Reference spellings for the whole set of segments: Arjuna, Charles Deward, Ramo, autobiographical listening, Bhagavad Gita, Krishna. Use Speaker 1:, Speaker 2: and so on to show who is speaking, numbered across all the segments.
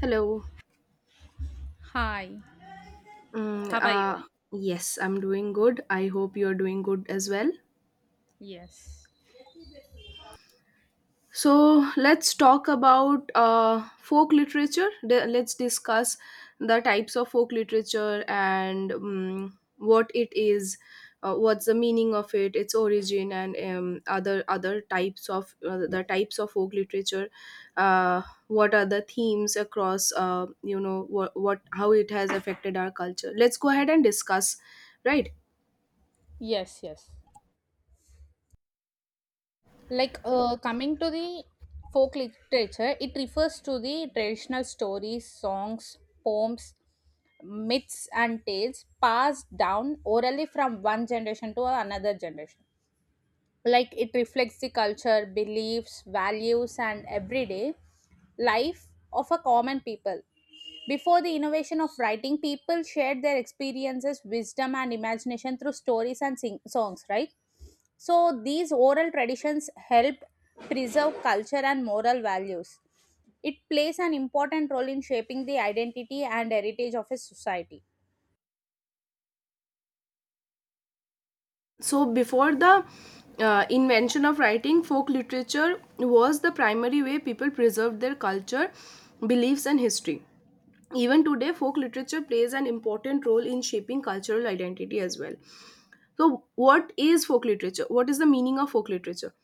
Speaker 1: Hello.
Speaker 2: Hi,
Speaker 1: Mm,
Speaker 2: how are you?
Speaker 1: uh, yes, I'm doing good. I hope you're doing good as well.
Speaker 2: Yes.
Speaker 1: So let's talk about folk literature. Let's discuss the types of folk literature and what it is, what's the meaning of it, its origin, and other types of the types of folk literature. What are the themes across? You know what how it has affected our culture. Let's go ahead and discuss. Right,
Speaker 2: Yes, yes. Coming to the folk literature, it refers to the traditional stories, songs, poems, myths, and tales passed down orally from one generation to another generation. Like it reflects the culture, beliefs, values, and everyday life of a common people. Before the innovation of writing, people shared their experiences, wisdom, and imagination through stories and songs, right? So these oral traditions help preserve culture and moral values. It plays an important role in shaping the identity and heritage of a society.
Speaker 1: so before the invention of writing, folk literature was the primary way people preserved their culture, beliefs, and history. Even today, folk literature plays an important role in shaping cultural identity as well. So what is folk literature? What is the meaning of folk literature?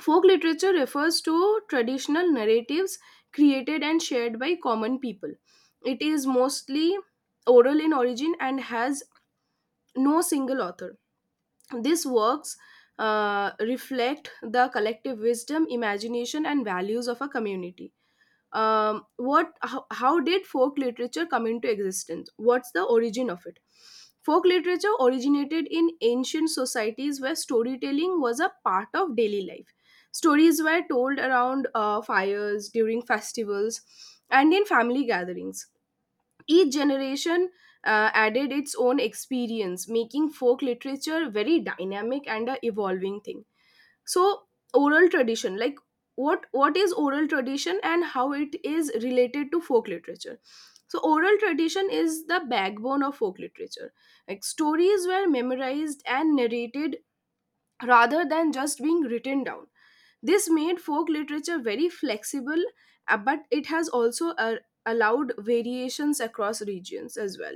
Speaker 1: Folk literature refers to traditional narratives created and shared by common people. It is mostly oral in origin and has no single author. These works reflect the collective wisdom, imagination, and values of a community. What? How did folk literature come into existence? What's the origin of it? Folk literature originated in ancient societies where storytelling was a part of daily life. Stories were told around fires, during festivals, and in family gatherings. Each generation added its own experience, making folk literature very dynamic and a evolving thing. So, oral tradition, like what is oral tradition and how it is related to folk literature. So, oral tradition is the backbone of folk literature. Like, stories were memorized and narrated rather than just being written down. This made folk literature very flexible, but it has also allowed variations across regions as well.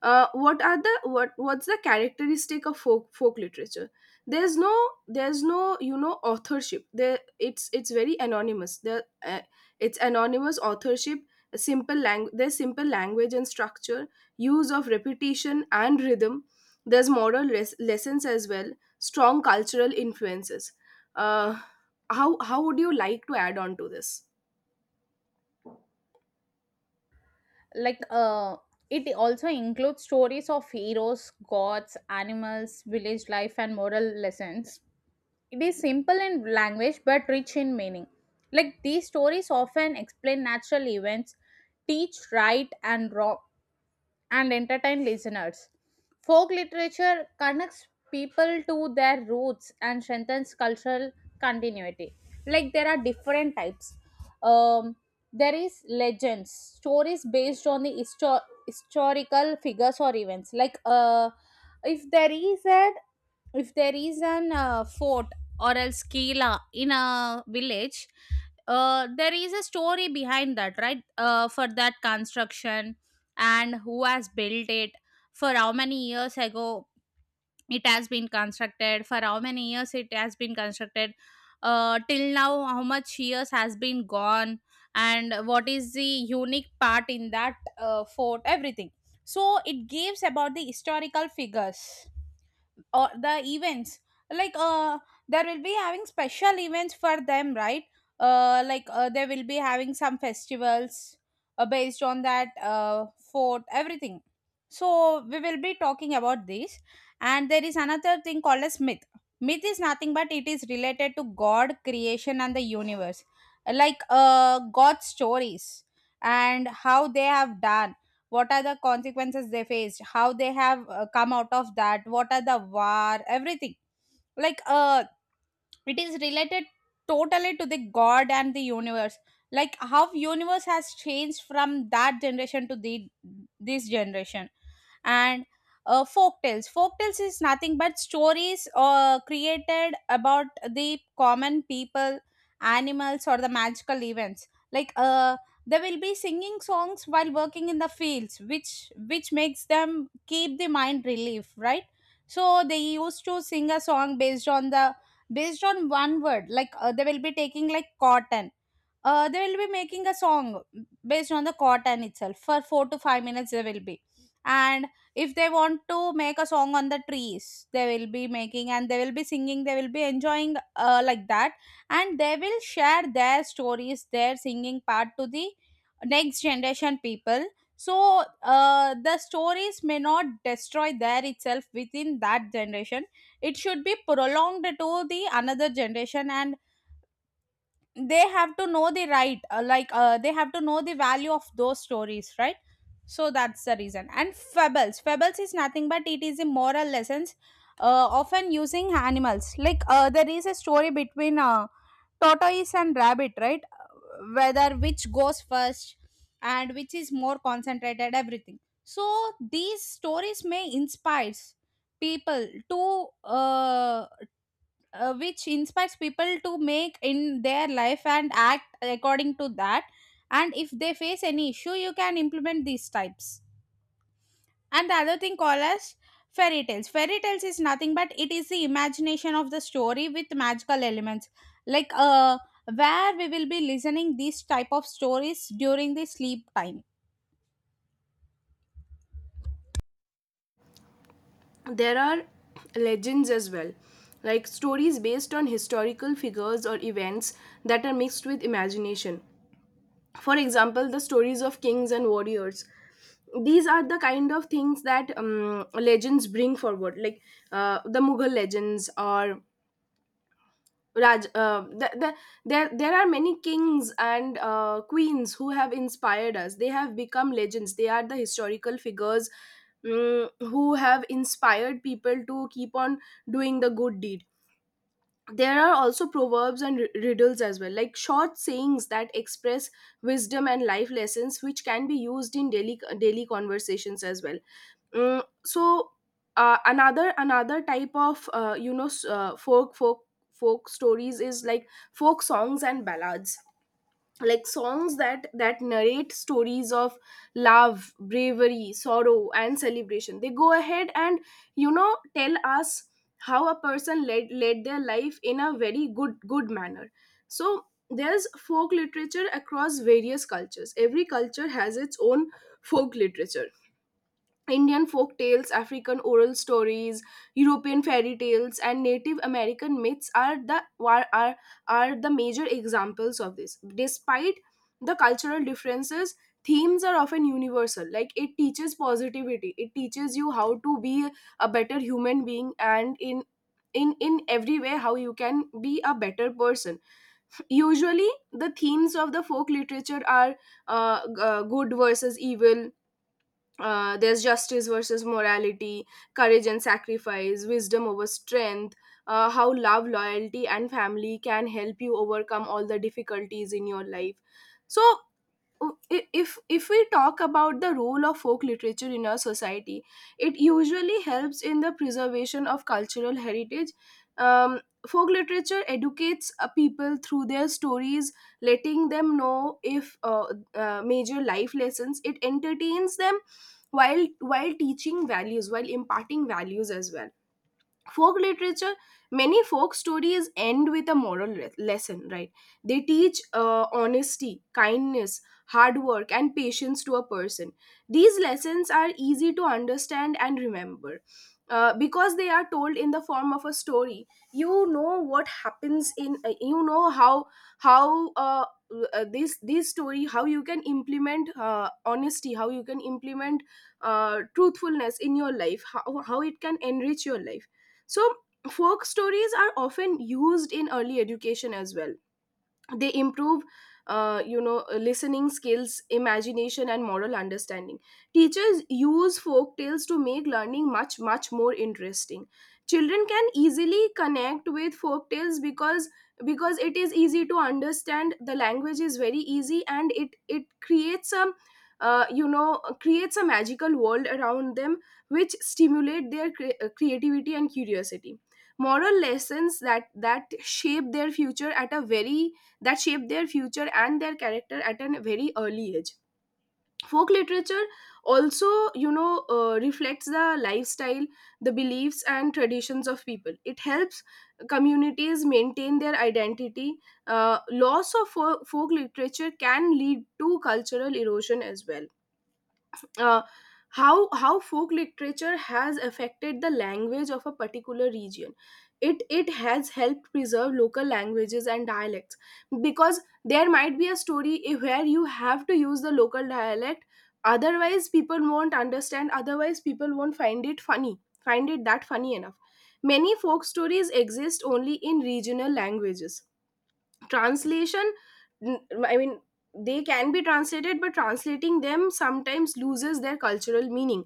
Speaker 1: Uh, what's the characteristic of folk literature? There's no there's no you know authorship. There It's very anonymous. There It's anonymous authorship. A simple language. There's simple language and structure, use of repetition and rhythm. There's moral lessons as well. Strong cultural influences. Uh, how would you like to add on to this?
Speaker 2: Like, uh, it also includes stories of heroes, gods, animals, village life, and moral lessons. It is simple in language but rich in meaning. Like these stories often explain natural events, teach right and wrong, and entertain listeners. Folk literature connects people to their roots and strengthens cultural continuity. Like there are different types. Um, there is legends, stories based on the historical figures or events. Like if there is a if there is an fort or else kila in a village, there is a story behind that, right? For that construction and who has built it, for how many years ago it has been constructed, for how many years it has been constructed, till now how much years has been gone, and what is the unique part in that fort, everything. So it gives about the historical figures or the events. Like, there will be having special events for them, right? They will be having some festivals based on that fort, everything. So we will be talking about this. And there is another thing called as myth. Myth is nothing but it is related to god creation and the universe. Like, god's stories, and how they have done, what are the consequences they faced, how they have come out of that, what are the war, everything. Like, it is related totally to the god and the universe. Like how universe has changed from that generation to the this generation. And folk tales is nothing but stories created about the common people, animals, or the magical events. They will be singing songs while working in the fields, which makes them keep the mind relief, right? So they used to sing a song based on one word. They will be taking like cotton. They will be making a song based on the cotton itself for 4 to 5 minutes, they will be. And if they want to make a song on the trees, they will be making, and they will be singing, they will be enjoying, like that. And they will share their stories, their singing part, to the next generation people. So the stories may not destroy there itself within that generation. It should be prolonged to the another generation. And they have to know the right, they have to know the value of those stories, right? So that's the reason. And fables, fables is nothing but it is the moral lessons, often using animals. There is a story between tortoise and rabbit, right? Whether which goes first and which is more concentrated, everything. So these stories may inspire people to which inspires people to make in their life and act according to that. And if they face any issue, you can implement these types. And the other thing called as fairy tales, fairy tales is nothing but it is the imagination of the story with magical elements. Like, where we will be listening these type of stories during the sleep time.
Speaker 1: There are legends as well, like stories based on historical figures or events that are mixed with imagination. For example, the stories of kings and warriors. These are the kind of things that legends bring forward, like the mughal legends or Raj. There are many kings and queens who have inspired us. They have become legends. They are the historical figures, mm, who have inspired people to keep on doing the good deed. There are also proverbs and riddles as well, like short sayings that express wisdom and life lessons which can be used in daily conversations as well. Mm, so another type of folk stories is like folk songs and ballads, like songs that narrate stories of love, bravery, sorrow, and celebration. They go ahead and you know tell us how a person led their life in a very good manner. So there's folk literature across various cultures. Every culture has its own folk literature. Indian folk tales, African oral stories, European fairy tales, and Native American myths are the major examples of this. Despite the cultural differences, themes are often universal. Like, it teaches positivity, it teaches you how to be a better human being, and in every way how you can be a better person. Usually, the themes of the folk literature are good versus evil, there's justice versus morality, courage and sacrifice, wisdom over strength, how love, loyalty, and family can help you overcome all the difficulties in your life. So, oh, if we talk about the role of folk literature in our society, it usually helps in the preservation of cultural heritage. Um, folk literature educates people through their stories, letting them know if major life lessons. It entertains them while teaching values, while imparting values as well. Folk literature, many folk stories end with a moral lesson, right? They teach honesty, kindness, hard work, and patience to a person. These lessons are easy to understand and remember. Because they are told in the form of a story. You know what happens in you know how uh, this this story, how you can implement honesty, how you can implement truthfulness in your life, how it can enrich your life. So, folk stories are often used in early education as well. They improve you know listening skills, imagination, and moral understanding. Teachers use folk tales to make learning much more interesting. Children can easily connect with folk tales because it is easy to understand, the language is very easy, and it creates a you know creates a magical world around them, which stimulate their creativity and curiosity. Moral lessons that shape their future at a very, that shape their future and their character at a very early age. Folk literature also you know reflects the lifestyle, the beliefs and traditions of people. It helps communities maintain their identity. Uh, loss of folk literature can lead to cultural erosion as well. Uh, how folk literature has affected the language of a particular region. It has helped preserve local languages and dialects, because there might be a story where you have to use the local dialect, otherwise people won't understand, otherwise people won't find it funny, find it that funny enough. Many folk stories exist only in regional languages. Translation, n- I mean, they can be translated, but translating them sometimes loses their cultural meaning,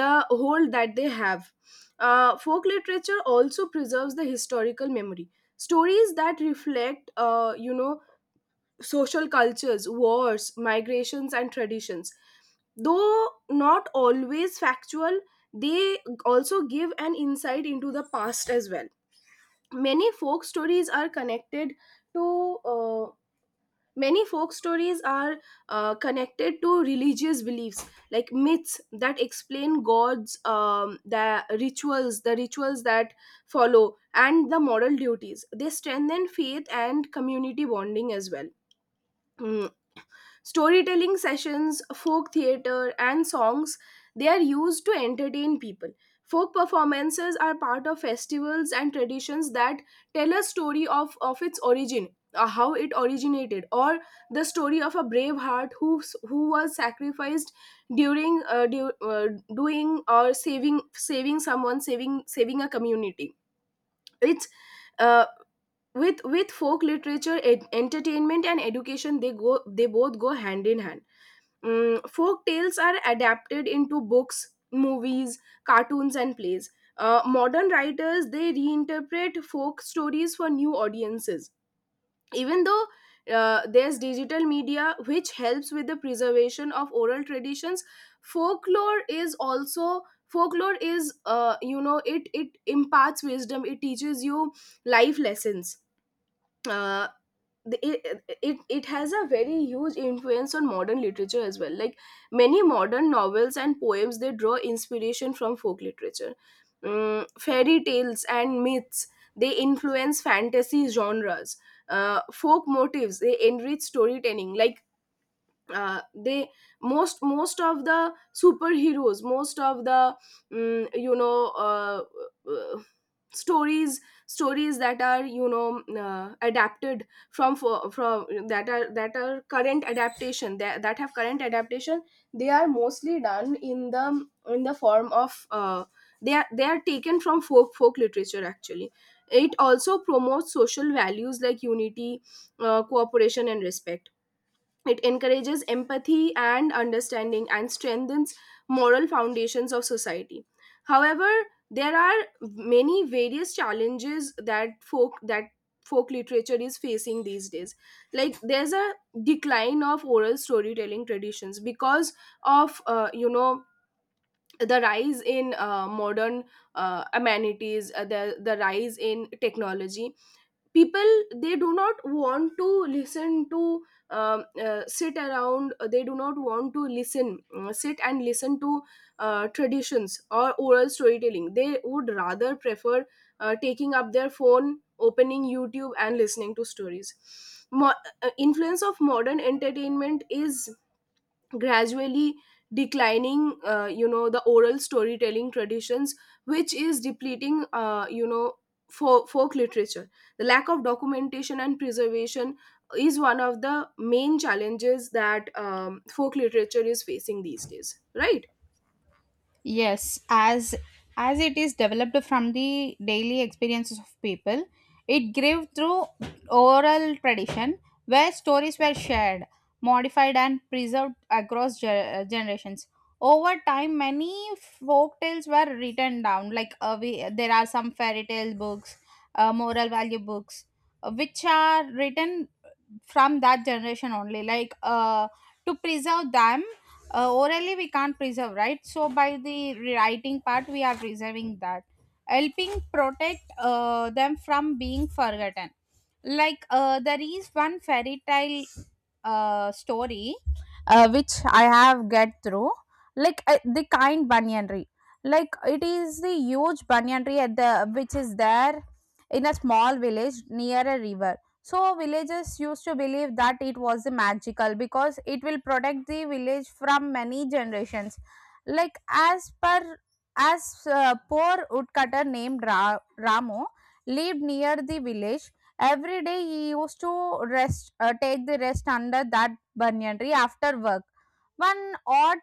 Speaker 1: the hold that they have. Uh, folk literature also preserves the historical memory. Stories that reflect you know social cultures, wars, migrations, and traditions, though not always factual, they also give an insight into the past as well. many folk stories are connected to uh, Many folk stories are connected to religious beliefs, like myths that explain gods, the rituals that follow, and the moral duties. They strengthen faith and community bonding as well. Mm, storytelling sessions, folk theater, and songs, they are used to entertain people. Folk performances are part of festivals and traditions that tell a story of its origin, how it originated, or the story of a brave heart who was sacrificed during doing or saving someone, saving a community. It's, uh, with folk literature, entertainment, and education, they go, they both go hand in hand. Mm, folk tales are adapted into books, movies, cartoons, and plays. Modern writers, they reinterpret folk stories for new audiences. Even though, there's digital media which helps with the preservation of oral traditions, folklore is you know it it imparts wisdom. It teaches you life lessons. Uh, it, it has a very huge influence on modern literature as well, like many modern novels and poems, they draw inspiration from folk literature. Mm, fairy tales and myths, they influence fantasy genres. Uh, folk motifs, they enrich storytelling, like they most of the superheroes, most of the, mm, you know uh, uh, stories that are you know, adapted from that are current adaptation, that have current adaptation, they are mostly done in the form of, they are taken from folk literature actually. It also promotes social values like unity, cooperation, and respect. It encourages empathy and understanding, and strengthens moral foundations of society. However, there are many various challenges that folk literature is facing these days. Like there's a decline of oral storytelling traditions because of the rise in modern amenities, the rise in technology. People, they do not want to listen to sit around, they do not want to listen, sit and listen to traditions or oral storytelling. They would rather prefer taking up their phone, opening youtube and listening to stories. Mo- Influence of modern entertainment is gradually declining the oral storytelling traditions, which is depleting folk literature. The lack of documentation and preservation is one of the main challenges that folk literature is facing these days, right?
Speaker 2: Yes, as it is developed from the daily experiences of people, it grew through oral tradition where stories were shared, modified, and preserved across generations. Over time, many folk tales were written down. There are some fairy tale books, moral value books, which are written from that generation only. To preserve them orally we can't preserve, right? So by the writing part we are preserving that, helping protect them from being forgotten. There is one fairy tale story which I have get through. The kind banyan tree. Like it is the huge banyan tree at the which is there in a small village near a river. So villagers used to believe that it was magical because it will protect the village from many generations. Like as per as Poor woodcutter named Ramo lived near the village. Every day he used to rest take the rest under that banyan tree after work. One odd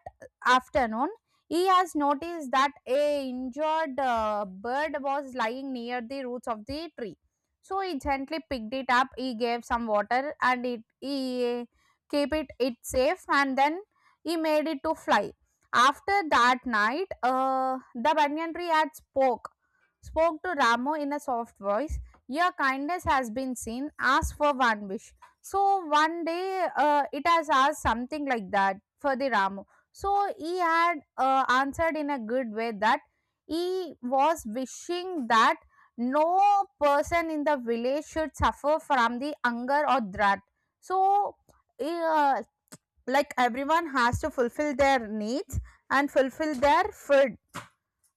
Speaker 2: afternoon, he has noticed that a injured bird was lying near the roots of the tree. So he gently picked it up. He gave some water, and it he kept it safe, and then he made it to fly. After that night, the banyan tree had spoke to Ramo in a soft voice. Your kindness has been seen. Ask for one wish. So one day it has asked something like that for the Ramo. So he had answered in a good way that he was wishing that no person in the village should suffer from the hunger or drought. So eh, uh, everyone has to fulfill their needs and fulfill their food.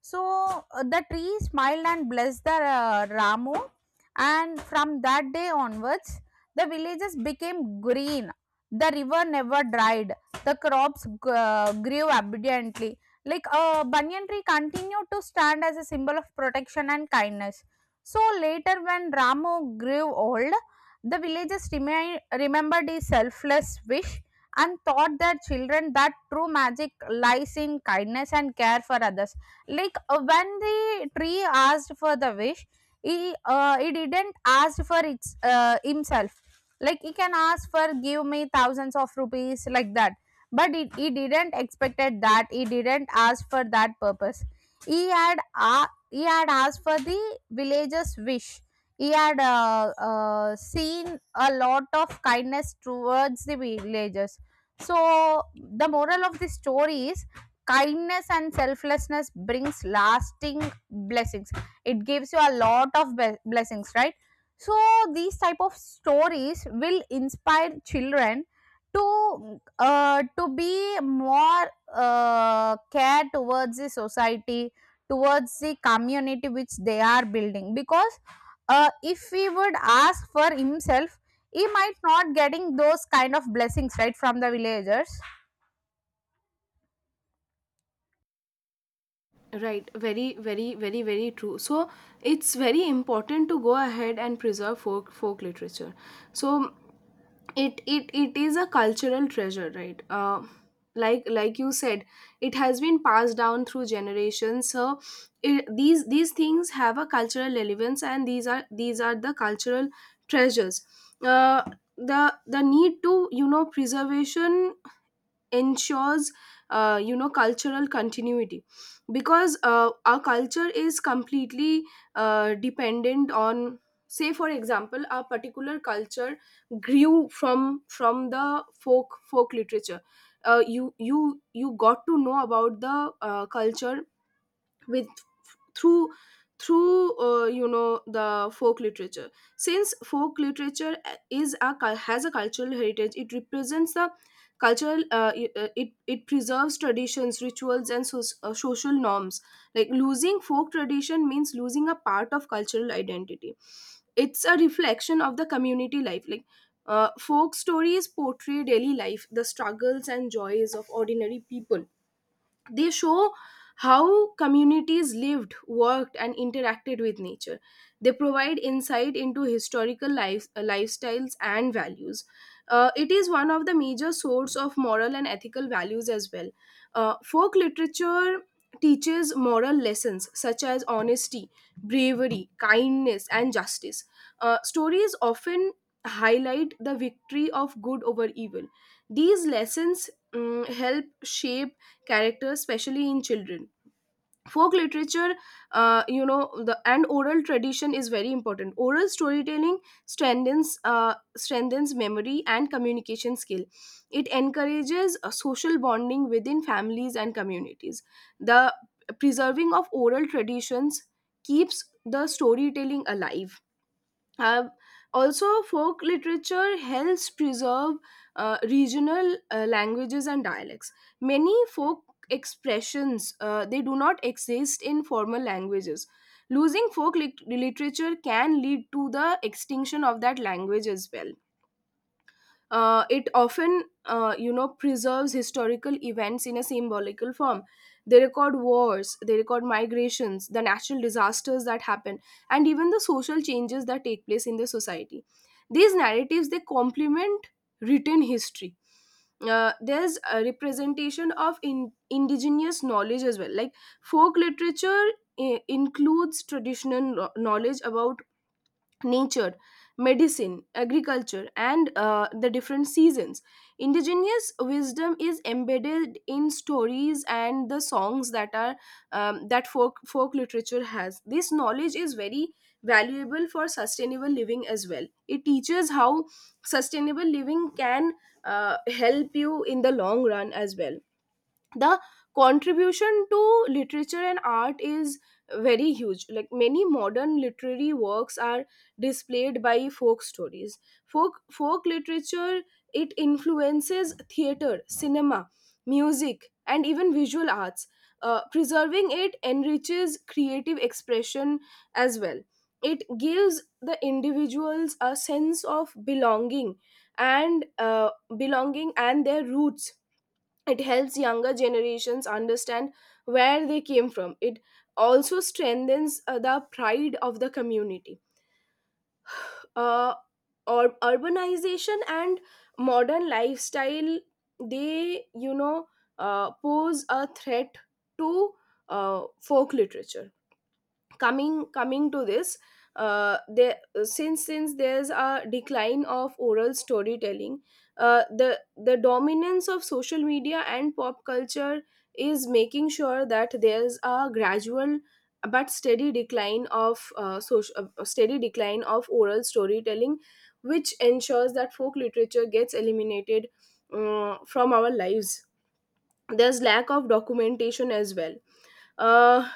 Speaker 2: So the tree smiled and blessed the Ramu, and from that day onwards, the villages became green. The river never dried. The crops grew abundantly. Like a banyan tree continued to stand as a symbol of protection and kindness. So later, when Ramu grew old, the villagers remembered his selfless wish and taught their children that true magic lies in kindness and care for others. When the tree asked for the wish, he didn't ask for its himself. Like he can ask for give me thousands of rupees like that. But he didn't expected that, he didn't ask for that purpose. He had asked for the villagers wish. He had seen a lot of kindness towards the villagers. So the moral of the story is kindness and selflessness brings lasting blessings. It gives you a lot of blessings, right? So these type of stories will inspire children to be more care towards the society, towards the community which they are building. Because if he would ask for himself, he might not getting those kind of blessings right from the villagers.
Speaker 1: Right, very very very very true. So it's very important to go ahead and preserve folk literature. So it is a cultural treasure, right? Like you said, it has been passed down through generations. So it, these things have a cultural relevance, and these are the cultural treasures. uh, the need to, you know, preservation ensures, cultural continuity. Because our culture is completely dependent on, say for example, our particular culture grew from the folk literature. You got to know about the culture with, through, through the folk literature. Since folk literature has a cultural heritage, it represents the cultural it, it preserves traditions, rituals and, so, social norms. Like losing folk tradition means losing a part of cultural identity. It's a reflection of the community life. Like folk stories portray daily life, the struggles and joys of ordinary people. They show how communities lived, worked, and interacted with nature. They provide insight into historical life, lifestyles and values. It is one of the major source of moral and ethical values as well. Folk literature teaches moral lessons such as honesty, bravery, kindness, and justice. Stories often highlight the victory of good over evil. These lessons help shape character, especially in children. Folk literature, the and oral tradition is very important. Oral storytelling strengthens, strengthens memory and communication skill. It encourages a social bonding within families and communities. The preserving of oral traditions keeps the storytelling alive. uh, Also, folk literature helps preserve regional languages and dialects. Many folk expressions, they do not exist in formal languages. Losing folk literature can lead to the extinction of that language as well. It often, preserves historical events in a symbolical form. They record wars, they record migrations, the natural disasters that happen, and even the social changes that take place in the society. These narratives, they complement written history. There's a representation of indigenous knowledge as well. Like folk literature includes traditional knowledge about nature, medicine, agriculture, and the different seasons. Indigenous wisdom is embedded in stories and the songs that are, that folk literature has. This knowledge is very valuable for sustainable living as well. It teaches how sustainable living can help you in the long run as well. The contribution to literature and art is very huge. Like many modern literary works are displayed by folk stories. Folk literature, it influences theater, cinema, music and even visual arts. Preserving it enriches creative expression as well. It gives the individuals a sense of belonging and, belonging and their roots. It helps younger generations understand where they came from. It also strengthens the pride of the community. uh, or urbanization and modern lifestyle, they, you know, pose a threat to uh, folk literature. Coming to this, there, since there's a decline of oral storytelling, the dominance of social media and pop culture is making sure that there's a gradual but steady decline of social steady decline of oral storytelling, which ensures that folk literature gets eliminated from our lives. There's lack of documentation as well. uh,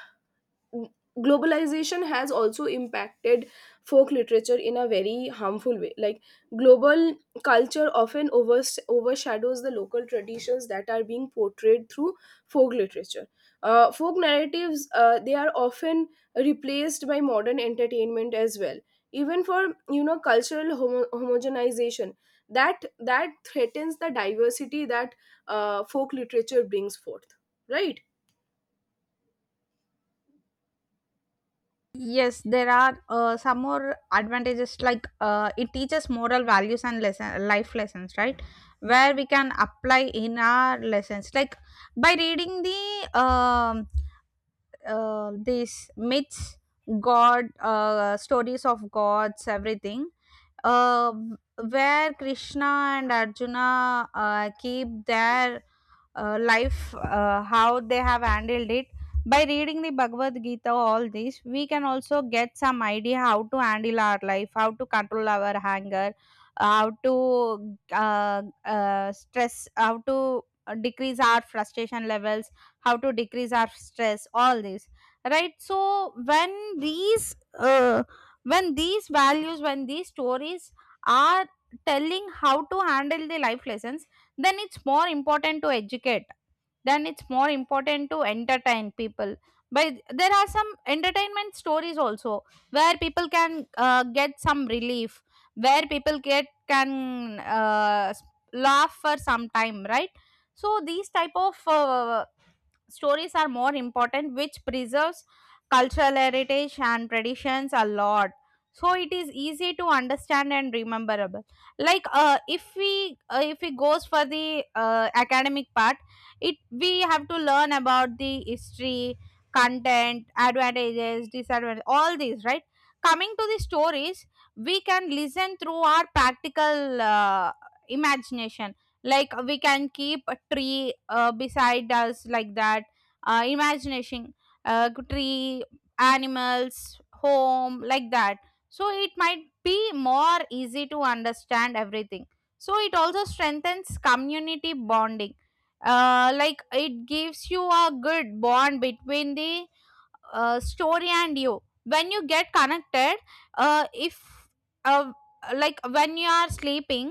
Speaker 1: Globalization has also impacted folk literature in a very harmful way. Like global culture often overshadows the local traditions that are being portrayed through folk literature. Folk narratives, they are often replaced by modern entertainment as well. Even for, you know, cultural homogenization, that threatens the diversity that folk literature brings forth, right?
Speaker 2: Yes, there are some more advantages like it teaches moral values and lesson life lessons, right? Where we can apply in our lessons, like by reading the these myths, God stories of gods, everything. Uh, where Krishna and Arjuna keep their life, how they have handled it, by reading the Bhagavad Gita, all this, we can also get some idea how to handle our life, how to control our anger, how to stress, how to decrease our frustration levels, how to decrease our stress, all this. Right? So when these values, when these stories are telling how to handle the life lessons, then it's more important to educate, then it's more important to entertain people. But there are some entertainment stories also where people can get some relief, where people get can s- laugh for some time, right? So these type of stories are more important, which preserves cultural heritage and traditions a lot. So it is easy to understand and rememberable. If we goes for the academic part, it we have to learn about the history, content, advantages, disadvantages, all these, right? Coming to the stories, we can listen through our practical imagination. Like we can keep a tree beside us, like that. Uh, imagination, tree, animals, home, like that. So it might be more easy to understand everything. So it also strengthens community bonding. Like it gives you a good bond between the story and you, when you get connected. If uh, like when you are sleeping,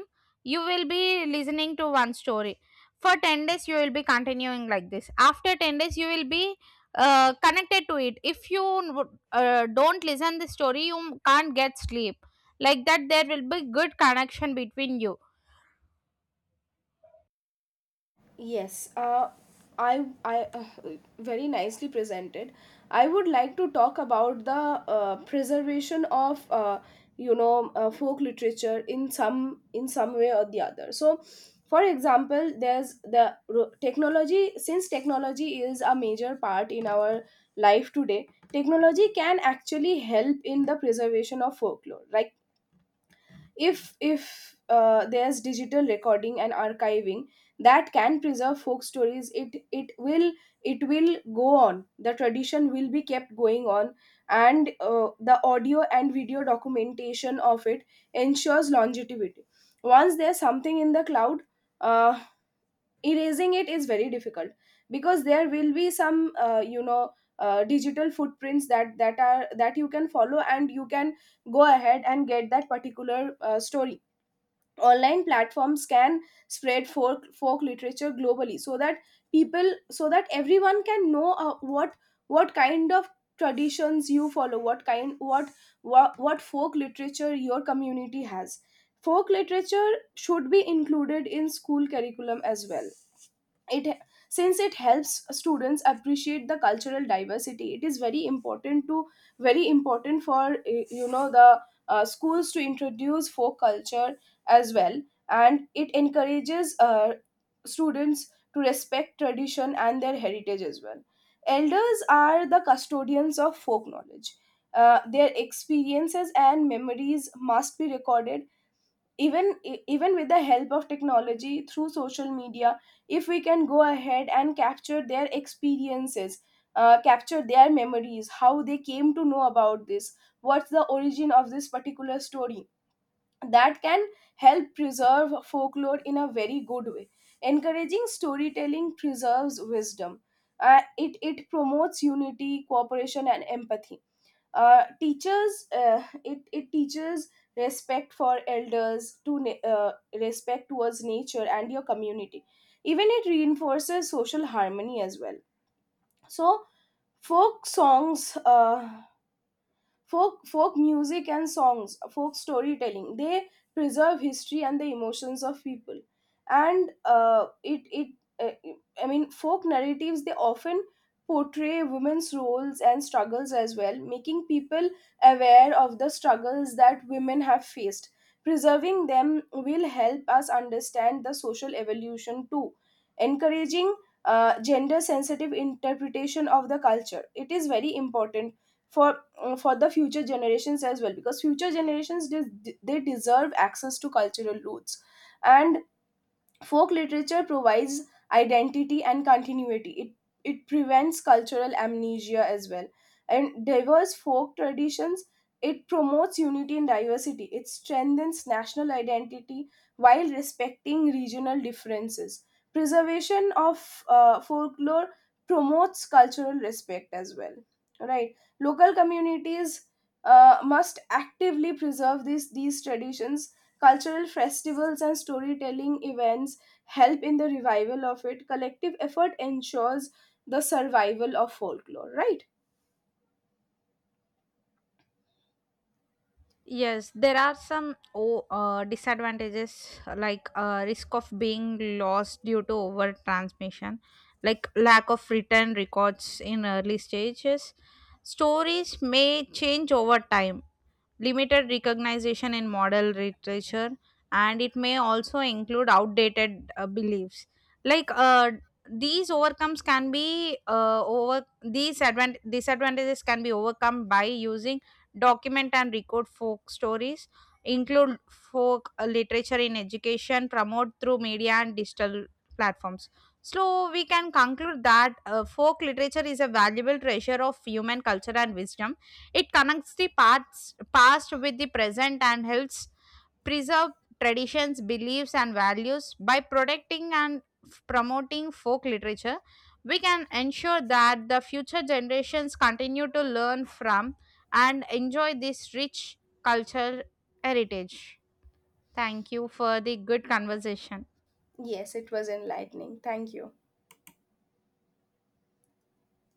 Speaker 2: you will be listening to one story for 10 days. You will be continuing like this. After 10 days, you will be connected to it. If you would, don't listen the story, you can't get sleep, like that. There will be good connection between you.
Speaker 1: Yes, I very nicely presented. I would like to talk about the preservation of, folk literature in some, in some way or the other. So, for example, there's the technology. Since technology is a major part in our life today, technology can actually help in the preservation of folklore. Like if there's digital recording and archiving that can preserve folk stories, it will, it will go on, the tradition will be kept going on. And the audio and video documentation of it ensures longevity. Once there's something in the cloud, uh, erasing it is very difficult, because there will be some, digital footprints that that are that you can follow, and you can go ahead and get that particular story. Online platforms can spread folk literature globally, so that people, so that everyone can know, what kind of traditions you follow, what kind what folk literature your community has. Folk literature should be included in school curriculum as well. It, since it helps students appreciate the cultural diversity, it is very important to, very important for, the schools to introduce folk culture as well. And it encourages students to respect tradition and their heritage as well. Elders are the custodians of folk knowledge. Their experiences and memories must be recorded, even even with the help of technology, through social media. If we can go ahead and capture their experiences, capture their memories, how they came to know about this, what's the origin of this particular story, that can help preserve folklore in a very good way. Encouraging storytelling preserves wisdom. It promotes unity, cooperation and empathy. It teaches respect for elders, respect towards nature and your community. Even it reinforces social harmony as well. So folk songs, folk music and songs, folk storytelling, they preserve history and the emotions of people. And it it uh, I mean folk narratives, they often portray women's roles and struggles as well, making people aware of the struggles that women have faced. Preserving them will help us understand the social evolution too. Encouraging gender sensitive interpretation of the culture, it is very important for, for the future generations as well, because future generations they deserve access to cultural roots. And folk literature provides identity and continuity. It prevents cultural amnesia as well. And diverse folk traditions, it promotes unity and diversity. It strengthens national identity while respecting regional differences. Preservation of folklore promotes cultural respect as well. Right? Local communities must actively preserve these traditions. Cultural festivals and storytelling events help in the revival of it. Collective effort ensures the survival of folklore, right?
Speaker 2: Yes, there are some disadvantages like risk of being lost due to over transmission, like lack of written records in early stages. Stories may change over time, limited recognition in modern literature, and it may also include outdated beliefs. Like uh, these overcomes can be over these disadvantages can be overcome by using document and record folk stories, include folk literature in education, promote through media and digital platforms. So we can conclude that folk literature is a valuable treasure of human culture and wisdom. It connects the past with the present and helps preserve traditions, beliefs, and values. By protecting and promoting folk literature, we can ensure that the future generations continue to learn from and enjoy this rich cultural heritage. Thank you for the good conversation.
Speaker 1: Yes, it was enlightening. Thank you.